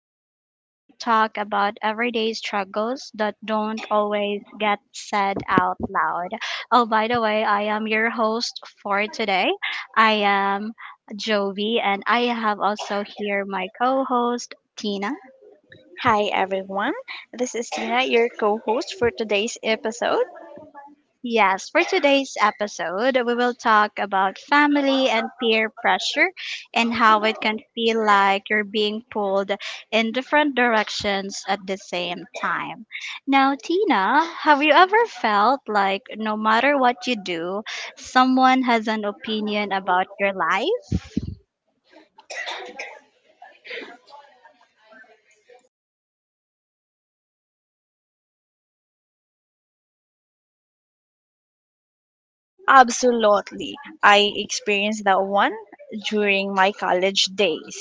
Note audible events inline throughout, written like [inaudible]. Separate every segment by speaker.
Speaker 1: podcast where we talk about everyday struggles that don't always get said out loud. Oh, by the way, I am your host for today. I am Jovi, and I have also here my co host, Tina.
Speaker 2: Hi everyone, this is Tina, your co host for today's episode.
Speaker 1: Yes, for today's episode, we will talk about family and peer pressure and how it can feel like you're being pulled in different directions at the same time. Now, Tina, have you ever felt like no matter what you do, someone has an opinion about your life?
Speaker 2: Absolutely, I experienced that one during my college days.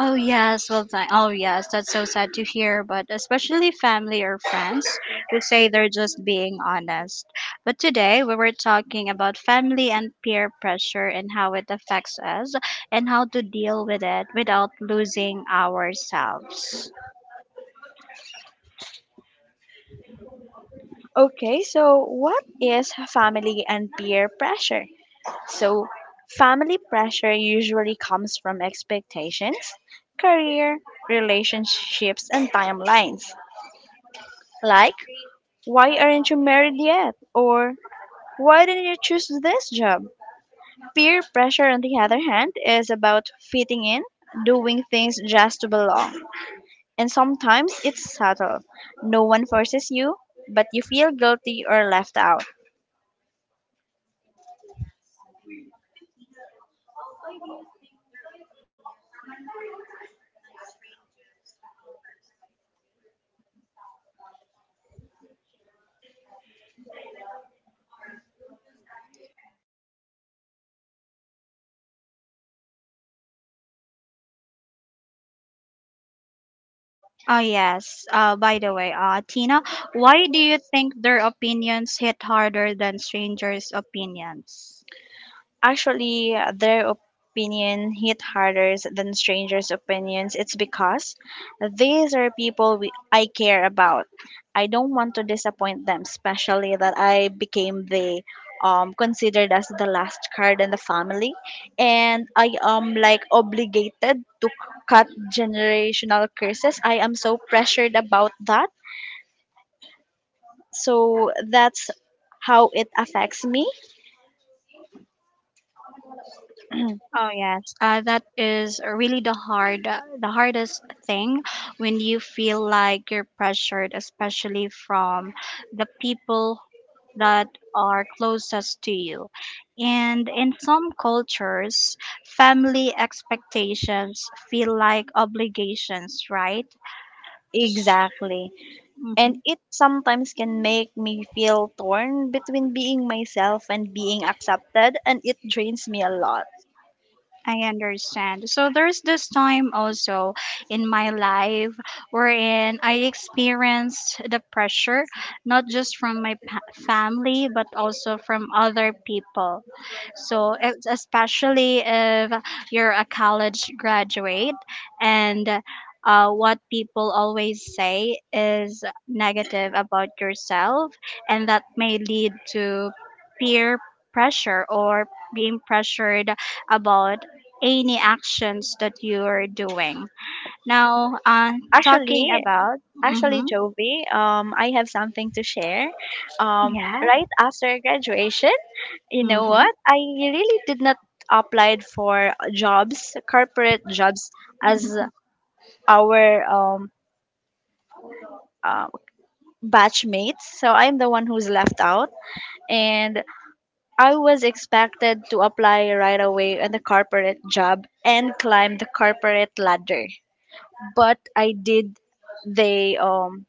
Speaker 1: Oh yes, well, that's so sad to hear, but especially family or friends who say they're just being honest. But today we were talking about family and peer pressure and how it affects us and how to deal with it without losing ourselves.
Speaker 2: Okay, so what is family and peer pressure? So, family pressure usually comes from expectations, career, relationships, and timelines. Like, why aren't you married yet? Or, why didn't you choose this job? Peer pressure, on the other hand, is about fitting in, doing things just to belong. And sometimes it's subtle. No one forces you, but you feel guilty or left out.
Speaker 1: Oh yes, by the way, Tina, why do you think their opinions hit harder than strangers' opinions?
Speaker 2: Actually, their opinion hit harder than strangers' opinions. It's because these are people I care about. I don't want to disappoint them, especially that I became the considered as the last card in the family, and I am like obligated to cut generational curses. I am so pressured about that. So that's how it affects me.
Speaker 1: Oh yes, that is really the hardest thing when you feel like you're pressured, especially from the people that are closest to you. And in some cultures, family expectations feel like obligations, right?
Speaker 2: Exactly. And
Speaker 1: Mhm.
Speaker 2: it sometimes can make me feel torn between being myself and being accepted, and it drains me a lot.
Speaker 1: I understand. So there's this time also in my life wherein I experienced the pressure, not just from family, but also from other people. So, it's especially if you're a college graduate, and what people always say is negative about yourself, and that may lead to peer pressure or being pressured about any actions that you're doing. Now, talking
Speaker 2: Actually,
Speaker 1: about,
Speaker 2: actually,
Speaker 1: mm-hmm,
Speaker 2: Jovi, I have something to share.
Speaker 1: yes,
Speaker 2: Right after graduation, you know
Speaker 1: mm-hmm,
Speaker 2: what? I really did not applied for jobs, corporate jobs, as
Speaker 1: mm-hmm.
Speaker 2: our uh, batchmates. So I'm the one who's left out, and I was expected to apply right away on the corporate job and climb the corporate ladder, but I did the um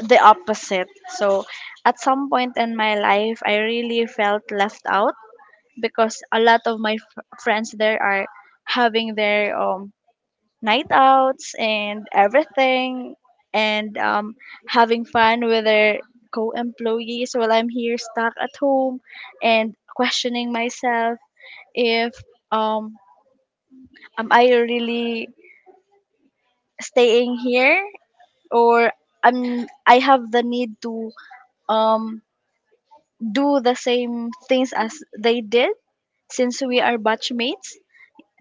Speaker 2: the opposite. So at some point in my life, I really felt left out because a lot of my friends there are having their night outs and everything and having fun with their co-employees while I'm here stuck at home and questioning myself if um am I really staying here or I have the need to um do the same things as they did since we are batchmates.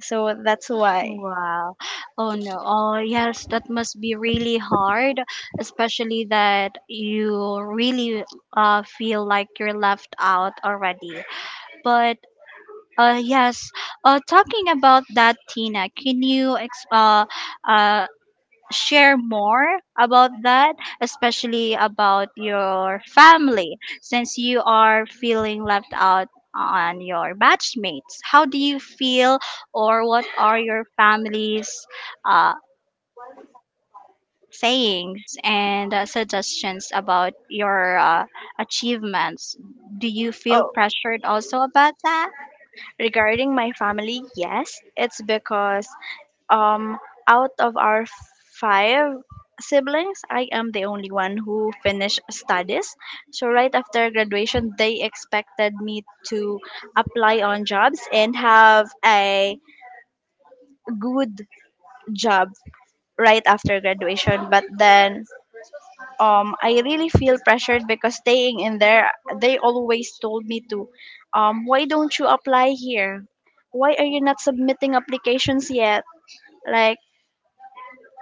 Speaker 2: So that's why.
Speaker 1: Wow, oh no, oh yes, that must be really hard, especially that you really feel like you're left out already. But yes, talking about that, Tina, can you uh, share more about that, especially about your family, since you are feeling left out on your batchmates? How do you feel, or what are your family's uh, sayings and suggestions about your achievements? Do you feel
Speaker 2: Oh,
Speaker 1: pressured also about that?
Speaker 2: regarding my family, yes, it's because um out of our five siblings, I am the only one who finished studies. So right after graduation, they expected me to apply on jobs and have a good job right after graduation. But then I really feel pressured because staying in there they always told me to, why don't you apply here? Why are you not submitting applications yet? Like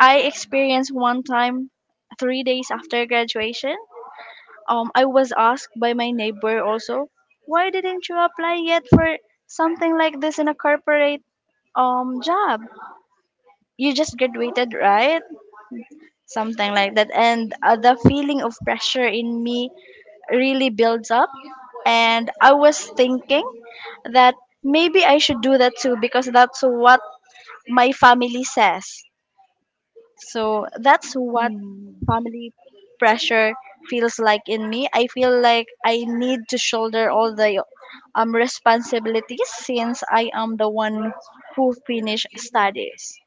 Speaker 2: I experienced one time 3 days after graduation, I was asked by my neighbor also, why didn't you apply yet for something like this in a corporate job? You just graduated, right? Something like that, and the feeling of pressure in me really builds up. And I was thinking that maybe I should do that too because that's what my family says. So that's what
Speaker 1: Mm.
Speaker 2: family pressure feels like in me. I feel like I need to shoulder all the responsibilities since I am the one who finished studies.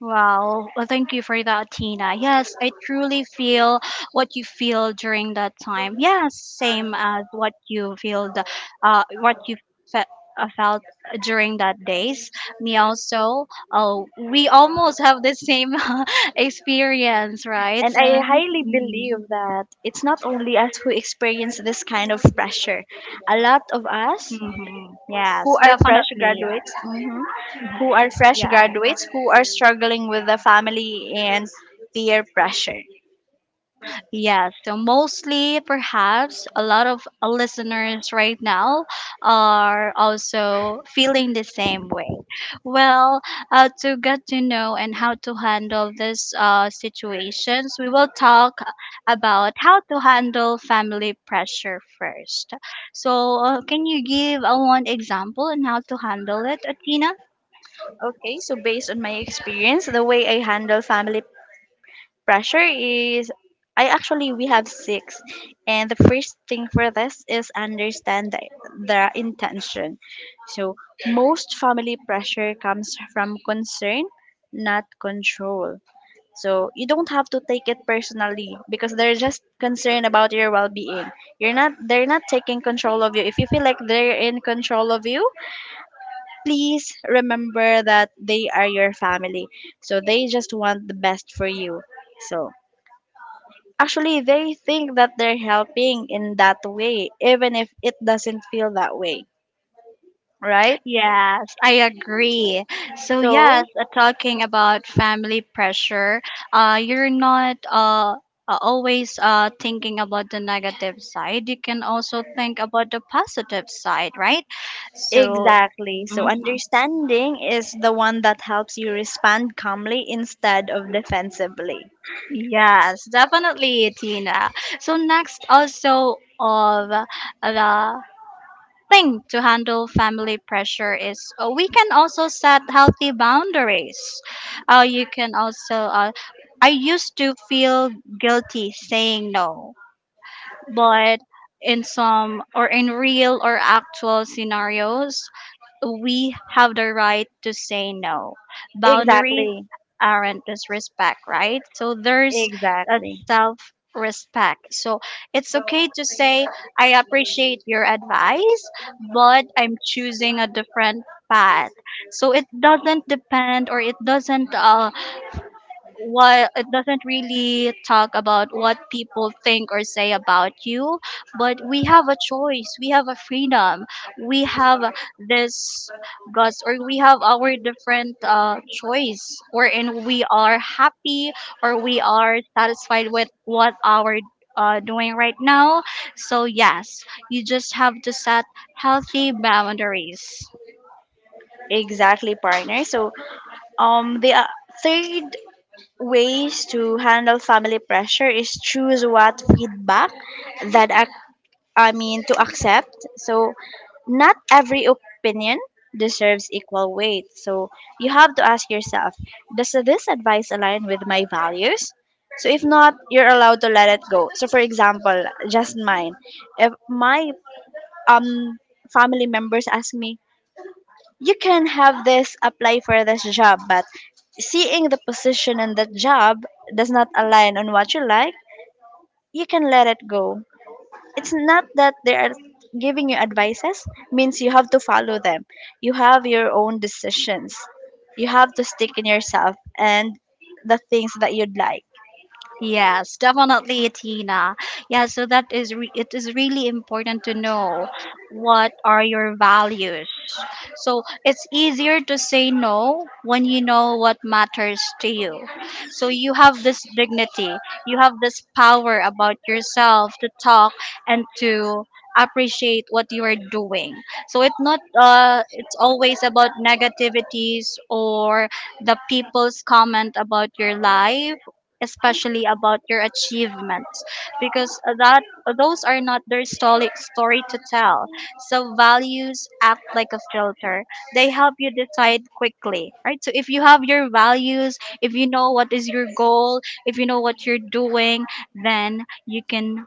Speaker 1: Wow. Well, thank you for that, Tina. Yes, I truly feel what you feel during that time. Yes, same as what you feel, the, uh, what you fe- felt during that days. Me also. Oh, we almost have the same [laughs] experience, right?
Speaker 2: And
Speaker 1: So,
Speaker 2: I highly believe that it's not only us who experience this kind of pressure. A lot of us
Speaker 1: Yes,
Speaker 2: who are fresh
Speaker 1: definitely.
Speaker 2: graduates mhm, who are fresh
Speaker 1: Yeah.
Speaker 2: graduates who are struggling with the family and peer pressure.
Speaker 1: Yeah, so mostly perhaps a lot of listeners right now are also feeling the same way. Well, to get to know and how to handle these situations, we will talk about how to handle family pressure first. So, can you give one example on how to handle it, Athena?
Speaker 2: Okay, so based on my experience, the way I handle family pressure is, I actually we have six, and the first thing for this is understand the intention. So most family pressure comes from concern, not control. So you don't have to take it personally because they're just concerned about your well-being. You're not they're not taking control of you. If you feel like they're in control of you, please remember that they are your family. So they just want the best for you. So actually they think that they're helping in that way even if it doesn't feel that way, right?
Speaker 1: Yes, I agree. So yes,
Speaker 2: So
Speaker 1: talking about family pressure, you're not always thinking about the negative side. You can also think about the positive side, right? So
Speaker 2: exactly.
Speaker 1: mhm.
Speaker 2: So understanding is the one that helps you respond calmly instead of defensively.
Speaker 1: Yes, definitely, Tina. So next, also of the thing to handle family pressure is we can also set healthy boundaries. Uh, you can also, I used to feel guilty saying no, but in some or in real or actual scenarios, we have the right to say no. Boundaries
Speaker 2: Exactly.
Speaker 1: aren't disrespect, right? So there's a
Speaker 2: Exactly.
Speaker 1: self respect. So it's okay to say, I appreciate your advice, but I'm choosing a different path. So it doesn't depend or it doesn't what it doesn't really talk about what people think or say about you, but we have a choice, we have a freedom, we have this guts, or we have our different choice wherein we are happy or we are satisfied with what our doing right now. So yes, you just have to set healthy boundaries.
Speaker 2: Exactly, partner. So, the third ways to handle family pressure is choose what feedback that I mean to accept. So, not every opinion deserves equal weight. So, you have to ask yourself, does this advice align with my values? So, if not, you're allowed to let it go. So, for example, just mine. If my um family members ask me, you can have this apply for this job, but seeing the position in that job does not align on what you like, you can let it go. It's not that they are giving you advices means you have to follow them. You have your own decisions. You have to stick in yourself and the things that you'd like.
Speaker 1: Yes, definitely, Tina. Yeah, so it is really important to know what are your values. So it's easier to say no when you know what matters to you. So you have this dignity, you have this power about yourself to talk and to appreciate what you are doing. So it's not uh, it's always about negativities or the people's comment about your life, especially about your achievements, because that those are not their story to tell. So values act like a filter, they help you decide quickly, right? So if you have your values, if you know what is your goal, if you know what you're doing, then you can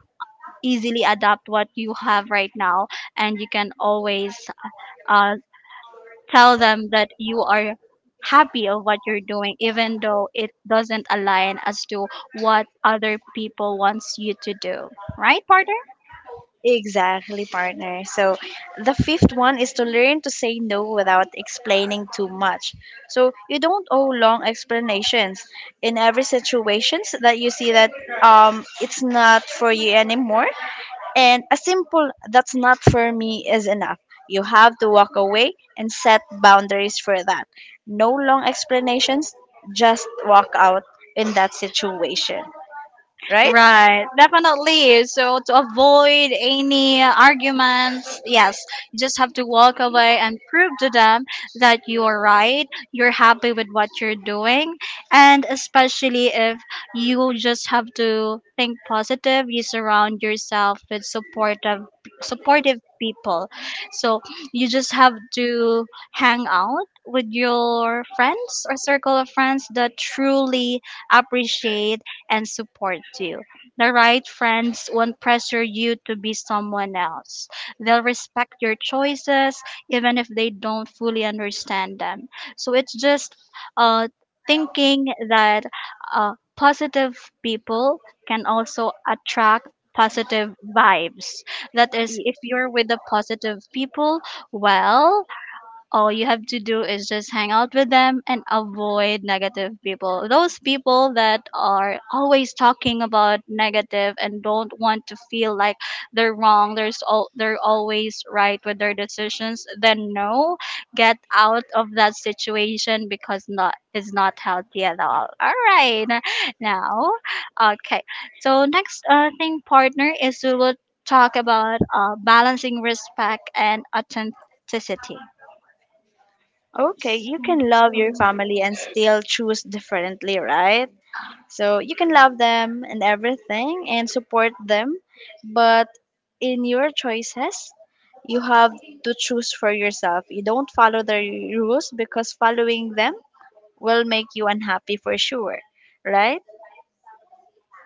Speaker 1: easily adapt what you have right now, and you can always uh, tell them that you are happy of what you're doing even though it doesn't align as to what other people wants you to do, right partner?
Speaker 2: Exactly, partner. So the fifth one is to learn to say no without explaining too much. So you don't owe long explanations in every situations that you see that it's not for you anymore. And a simple that's not for me is enough. You have to walk away and set boundaries for that. No long explanations, just walk out in that situation, right?
Speaker 1: Right, definitely. So to avoid any arguments, yes, you just have to walk away and prove to them that you are right, you're happy with what you're doing, and especially if you just have to think positive, you surround yourself with supportive people. So you just have to hang out with your friends or circle of friends that truly appreciate and support you. The right friends won't pressure you to be someone else. They'll respect your choices even if they don't fully understand them. So it's just uh, thinking that positive people can also attract positive vibes. That is, if you're with the positive people, well, all you have to do is just hang out with them and avoid negative people. Those people that are always talking about negative and don't want to feel like they're wrong, there's all they're always right with their decisions, then no, get out of that situation because not healthy at all. All right. Now, okay. So next thing partner is we will talk about balancing respect and authenticity.
Speaker 2: Okay, you can love your
Speaker 1: Mhm.
Speaker 2: family and still choose differently, right? So you can love them and everything and support them, but in your choices, you have to choose for yourself. You don't follow the rules because following them will make you unhappy for sure, right?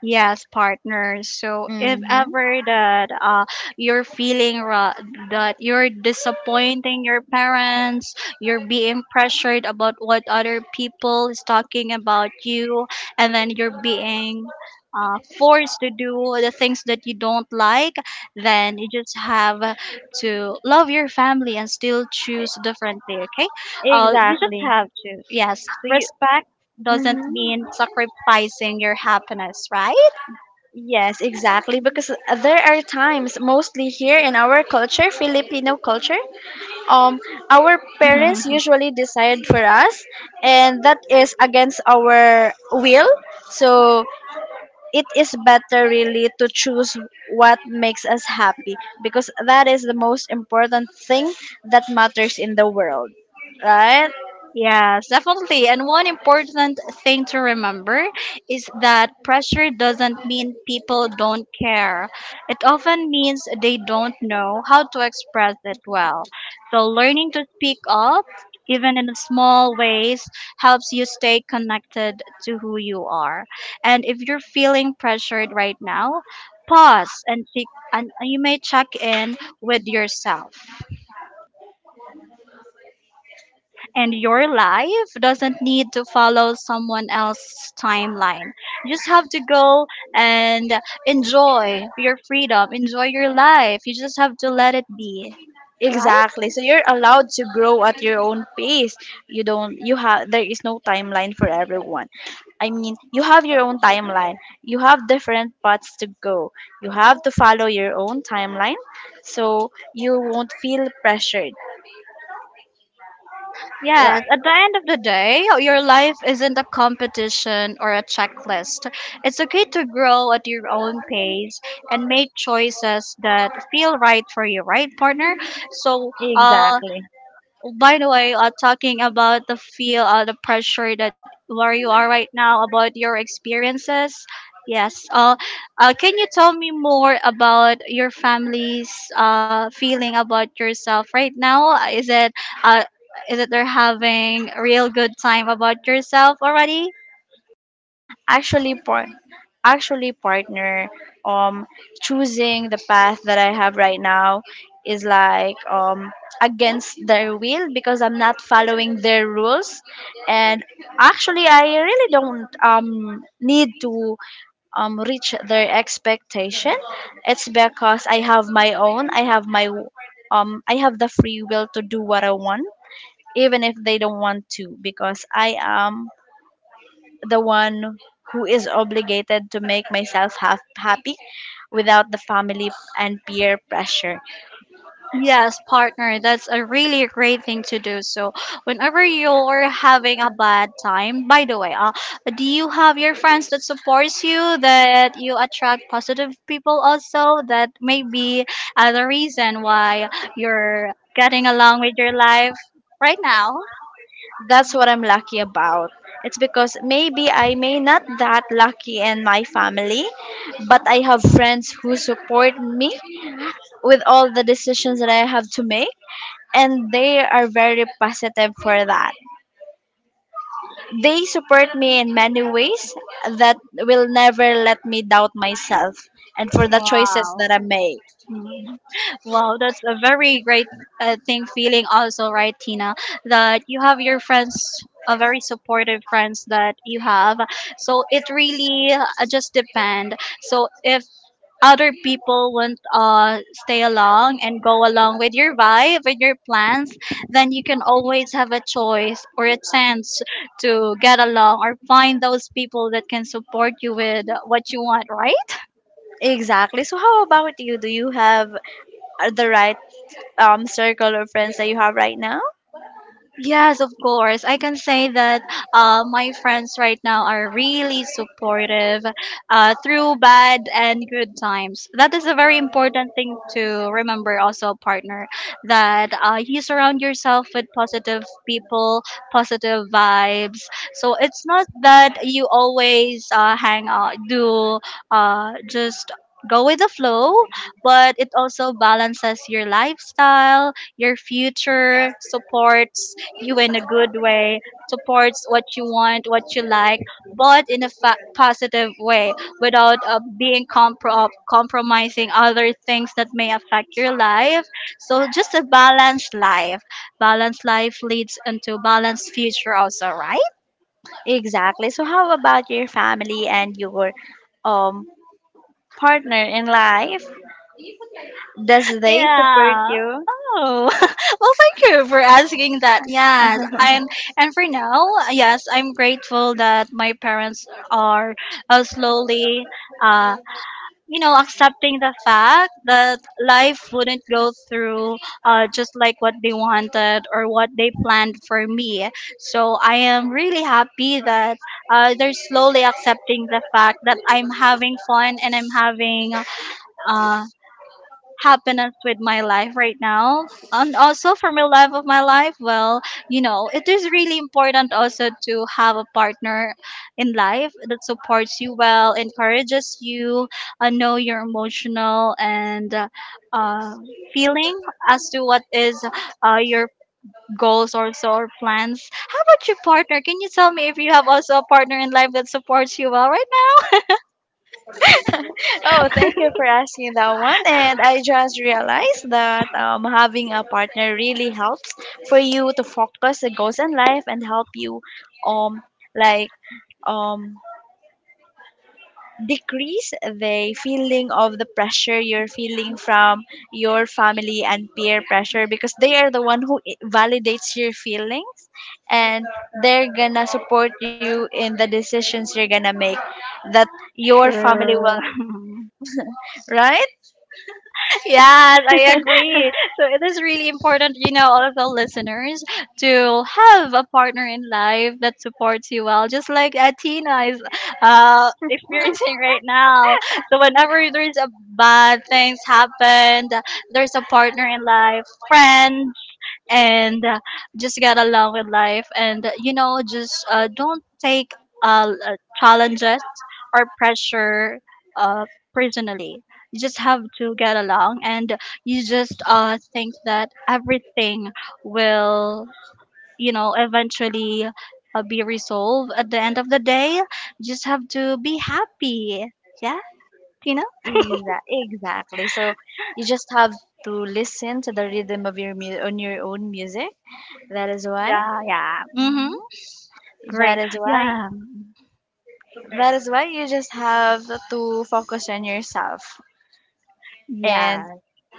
Speaker 1: Yes, partners. So if
Speaker 2: Mm-hmm.
Speaker 1: ever that you're that you're disappointing your parents, you're being pressured about what other people is talking about you, and then you're being forced to do the things that you don't like, then you just have to love your family and still choose differently. Okay? You just
Speaker 2: Exactly.
Speaker 1: have to yes
Speaker 2: So you,
Speaker 1: respect doesn't
Speaker 2: hmm
Speaker 1: mean sacrificing your happiness, right?
Speaker 2: yes, exactly. Because there are times, mostly here in our culture, Filipino culture, um our parents
Speaker 1: Mm-hmm.
Speaker 2: usually decide for us, and that is against our will. So it is better really to choose what makes us happy, because that is the most important thing that matters in the world, right?
Speaker 1: Yes, definitely. And one important thing to remember is that pressure doesn't mean people don't care. It often means they don't know how to express it well. So, learning to speak up, even in small ways, helps you stay connected to who you are. And if you're feeling pressured right now, pause and check, and you may check in with yourself. And your life doesn't need to follow someone else's timeline. You just have to go and enjoy your freedom, enjoy your life. You just have to let it be, right?
Speaker 2: Exactly. So you're allowed to grow at your own pace. You have there is no timeline for everyone. I mean, you have your own timeline. You have different paths to go. You have to follow your own timeline so you won't feel pressured.
Speaker 1: Yes,
Speaker 2: Right.
Speaker 1: at the end of the day, your life isn't a competition or a checklist. It's okay to grow at your own pace and make choices that feel right for you, right, partner? So,
Speaker 2: Exactly.
Speaker 1: by the way, talking about the pressure that where you are right now about your experiences. Yes. Can you tell me more about your family's feeling about yourself right now? Uh, is it they're having a real good time about yourself already?
Speaker 2: actually par- actually, partner, um choosing the path that I have right now is like against their will because I'm not following their rules. And actually I really don't need to reach their expectation. It's because I have my own, I have the free will to do what I want, even if they don't want to, because I am the one who is obligated to make myself happy without the family and peer pressure.
Speaker 1: Yes, partner, that's a really great thing to do. So, whenever you're having a bad time, by the way, do you have your friends that supports you, that you attract positive people also? That may be the reason why you're getting along with your life right now.
Speaker 2: That's what I'm lucky about. It's because maybe I may not that lucky in my family, but I have friends who support me with all the decisions that I have to make, and they are very positive for that. They support me in many ways that will never let me doubt myself and for the choices
Speaker 1: Wow.
Speaker 2: that I make.
Speaker 1: Mhm. Wow, that's a very great thing feeling also, right, Tina? That you have your friends, a very supportive friends that you have. So it really just depend. So if other people won't stay along and go along with your vibe, with your plans, then you can always have a choice or a chance to get along or find those people that can support you with what you want, right?
Speaker 2: Exactly. So how about you? Do you have the right circle of friends that you have right now?
Speaker 1: Yes, of course. I can say that my friends right now are really supportive through bad and good times. That is a very important thing to remember, also, partner, that you surround yourself with positive people, positive vibes. So it's not that you always hang out, do just go with the flow, but it also balances your lifestyle, your future supports you in a good way, supports what you want, what you like, but in a positive way without being compromising other things that may affect your life. So just a balanced life. Balanced life leads into balanced future also, right?
Speaker 2: Exactly. So how about your family and your um partner in life? Does they support
Speaker 1: Yeah.
Speaker 2: you?
Speaker 1: Oh, [laughs] well, thank you for asking that. Yes, and for now, yes, I'm grateful that my parents are slowly uh, you know, accepting the fact that life wouldn't go through just like what they wanted or what they planned for me. So I am really happy that they're slowly accepting the fact that I'm having fun and I'm having uh, happiness with my life right now, and also for my love of my life. Well, you know, it is really important also to have a partner in life that supports you well, encourages you, know your emotional and uh, feeling as to what is your goals also or plans. How about your partner? Can you tell me if you have also a partner in life that supports you well right now?
Speaker 2: Oh, thank you for asking that one. And I just realized that having a partner really helps for you to focus the goals in life and help you um like um decrease the feeling of the pressure you're feeling from your family and peer pressure, because they are the one who validates your feelings, and they're gonna support you in the decisions you're gonna make that your family
Speaker 1: True.
Speaker 2: will,
Speaker 1: [laughs]
Speaker 2: right?
Speaker 1: Yes, I agree. So it is really important, you know, all of the listeners, to have a partner in life that supports you well, just like Tina is experiencing right now. So whenever there's a bad things happened, there's a partner in life, friend, and just get along with life, and you know, just don't take challenges or pressure uh, personally. You just have to get along, and you just think that everything will, you know, eventually be resolved. At the end of the day, you just have to be happy. Yeah, you know.
Speaker 2: Exactly, so you just have to listen to the rhythm of your on your own music, that is why.
Speaker 1: Yeah, yeah. Mm-hmm.
Speaker 2: Mhm.
Speaker 1: Great,
Speaker 2: That is why,
Speaker 1: yeah.
Speaker 2: that is why you just have to focus on yourself
Speaker 1: Yeah.
Speaker 2: and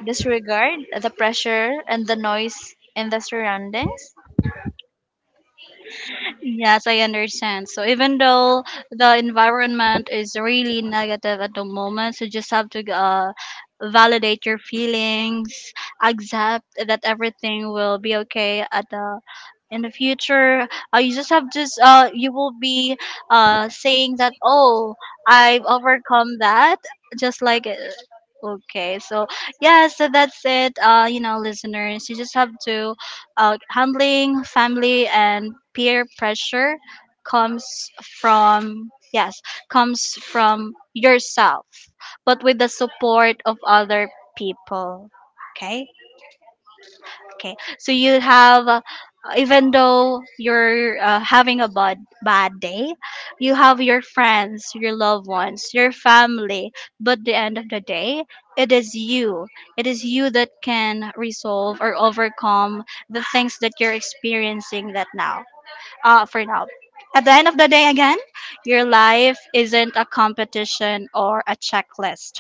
Speaker 2: disregard the pressure and the noise in the surroundings.
Speaker 1: Yes, I understand. So even though the environment is really negative at the moment, so just have to validate your feelings, accept that everything will be okay at the, in the future. You just have, just you will be saying that, oh, I've overcome that, just like, okay. So yeah, so that's it. You know, listeners, you just have to, handling family and peer pressure comes from, yes, comes from yourself, but with the support of other people. Okay. Okay, so you have, even though you're having a bad day, you have your friends, your loved ones, your family. But the end of the day, it is you. It is you that can resolve or overcome the things that you're experiencing that now. For now. At the end of the day, again, your life isn't a competition or a checklist.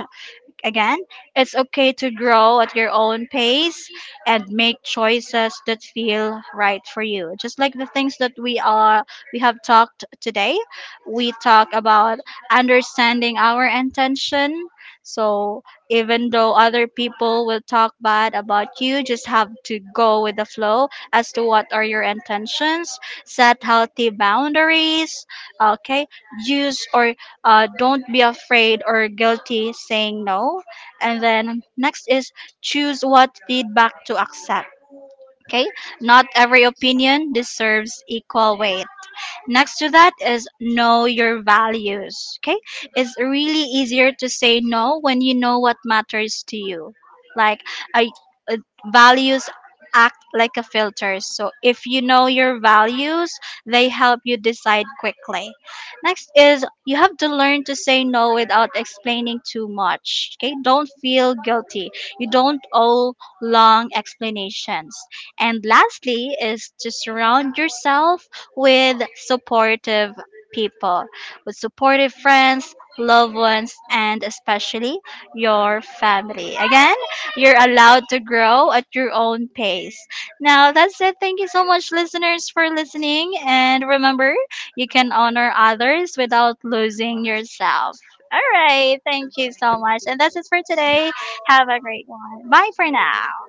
Speaker 1: Again, it's okay to grow at your own pace and make choices that feel right for you. Just like the things that we have talked today, we talk about understanding our intention. So even though other people will talk bad about you, just have to go with the flow as to what are your intentions, set healthy boundaries, okay? Use, or don't be afraid or guilty saying no. And then next is choose what feedback to accept. Okay, not every opinion deserves equal weight. Next to that is know your values. Okay? It's really easier to say no when you know what matters to you. Like, I uh, values act like a filter. So if you know your values, they help you decide quickly. Next is you have to learn to say no without explaining too much. Okay? Don't feel guilty. You don't owe long explanations. And lastly is to surround yourself with supportive people, with supportive friends, loved ones, and especially your family. Again, you're allowed to grow at your own pace. Now, that's it. Thank you so much, listeners, for listening. And remember, you can honor others without losing yourself. All right. Thank you so much. And that's it for today. Have a great one. Bye for now.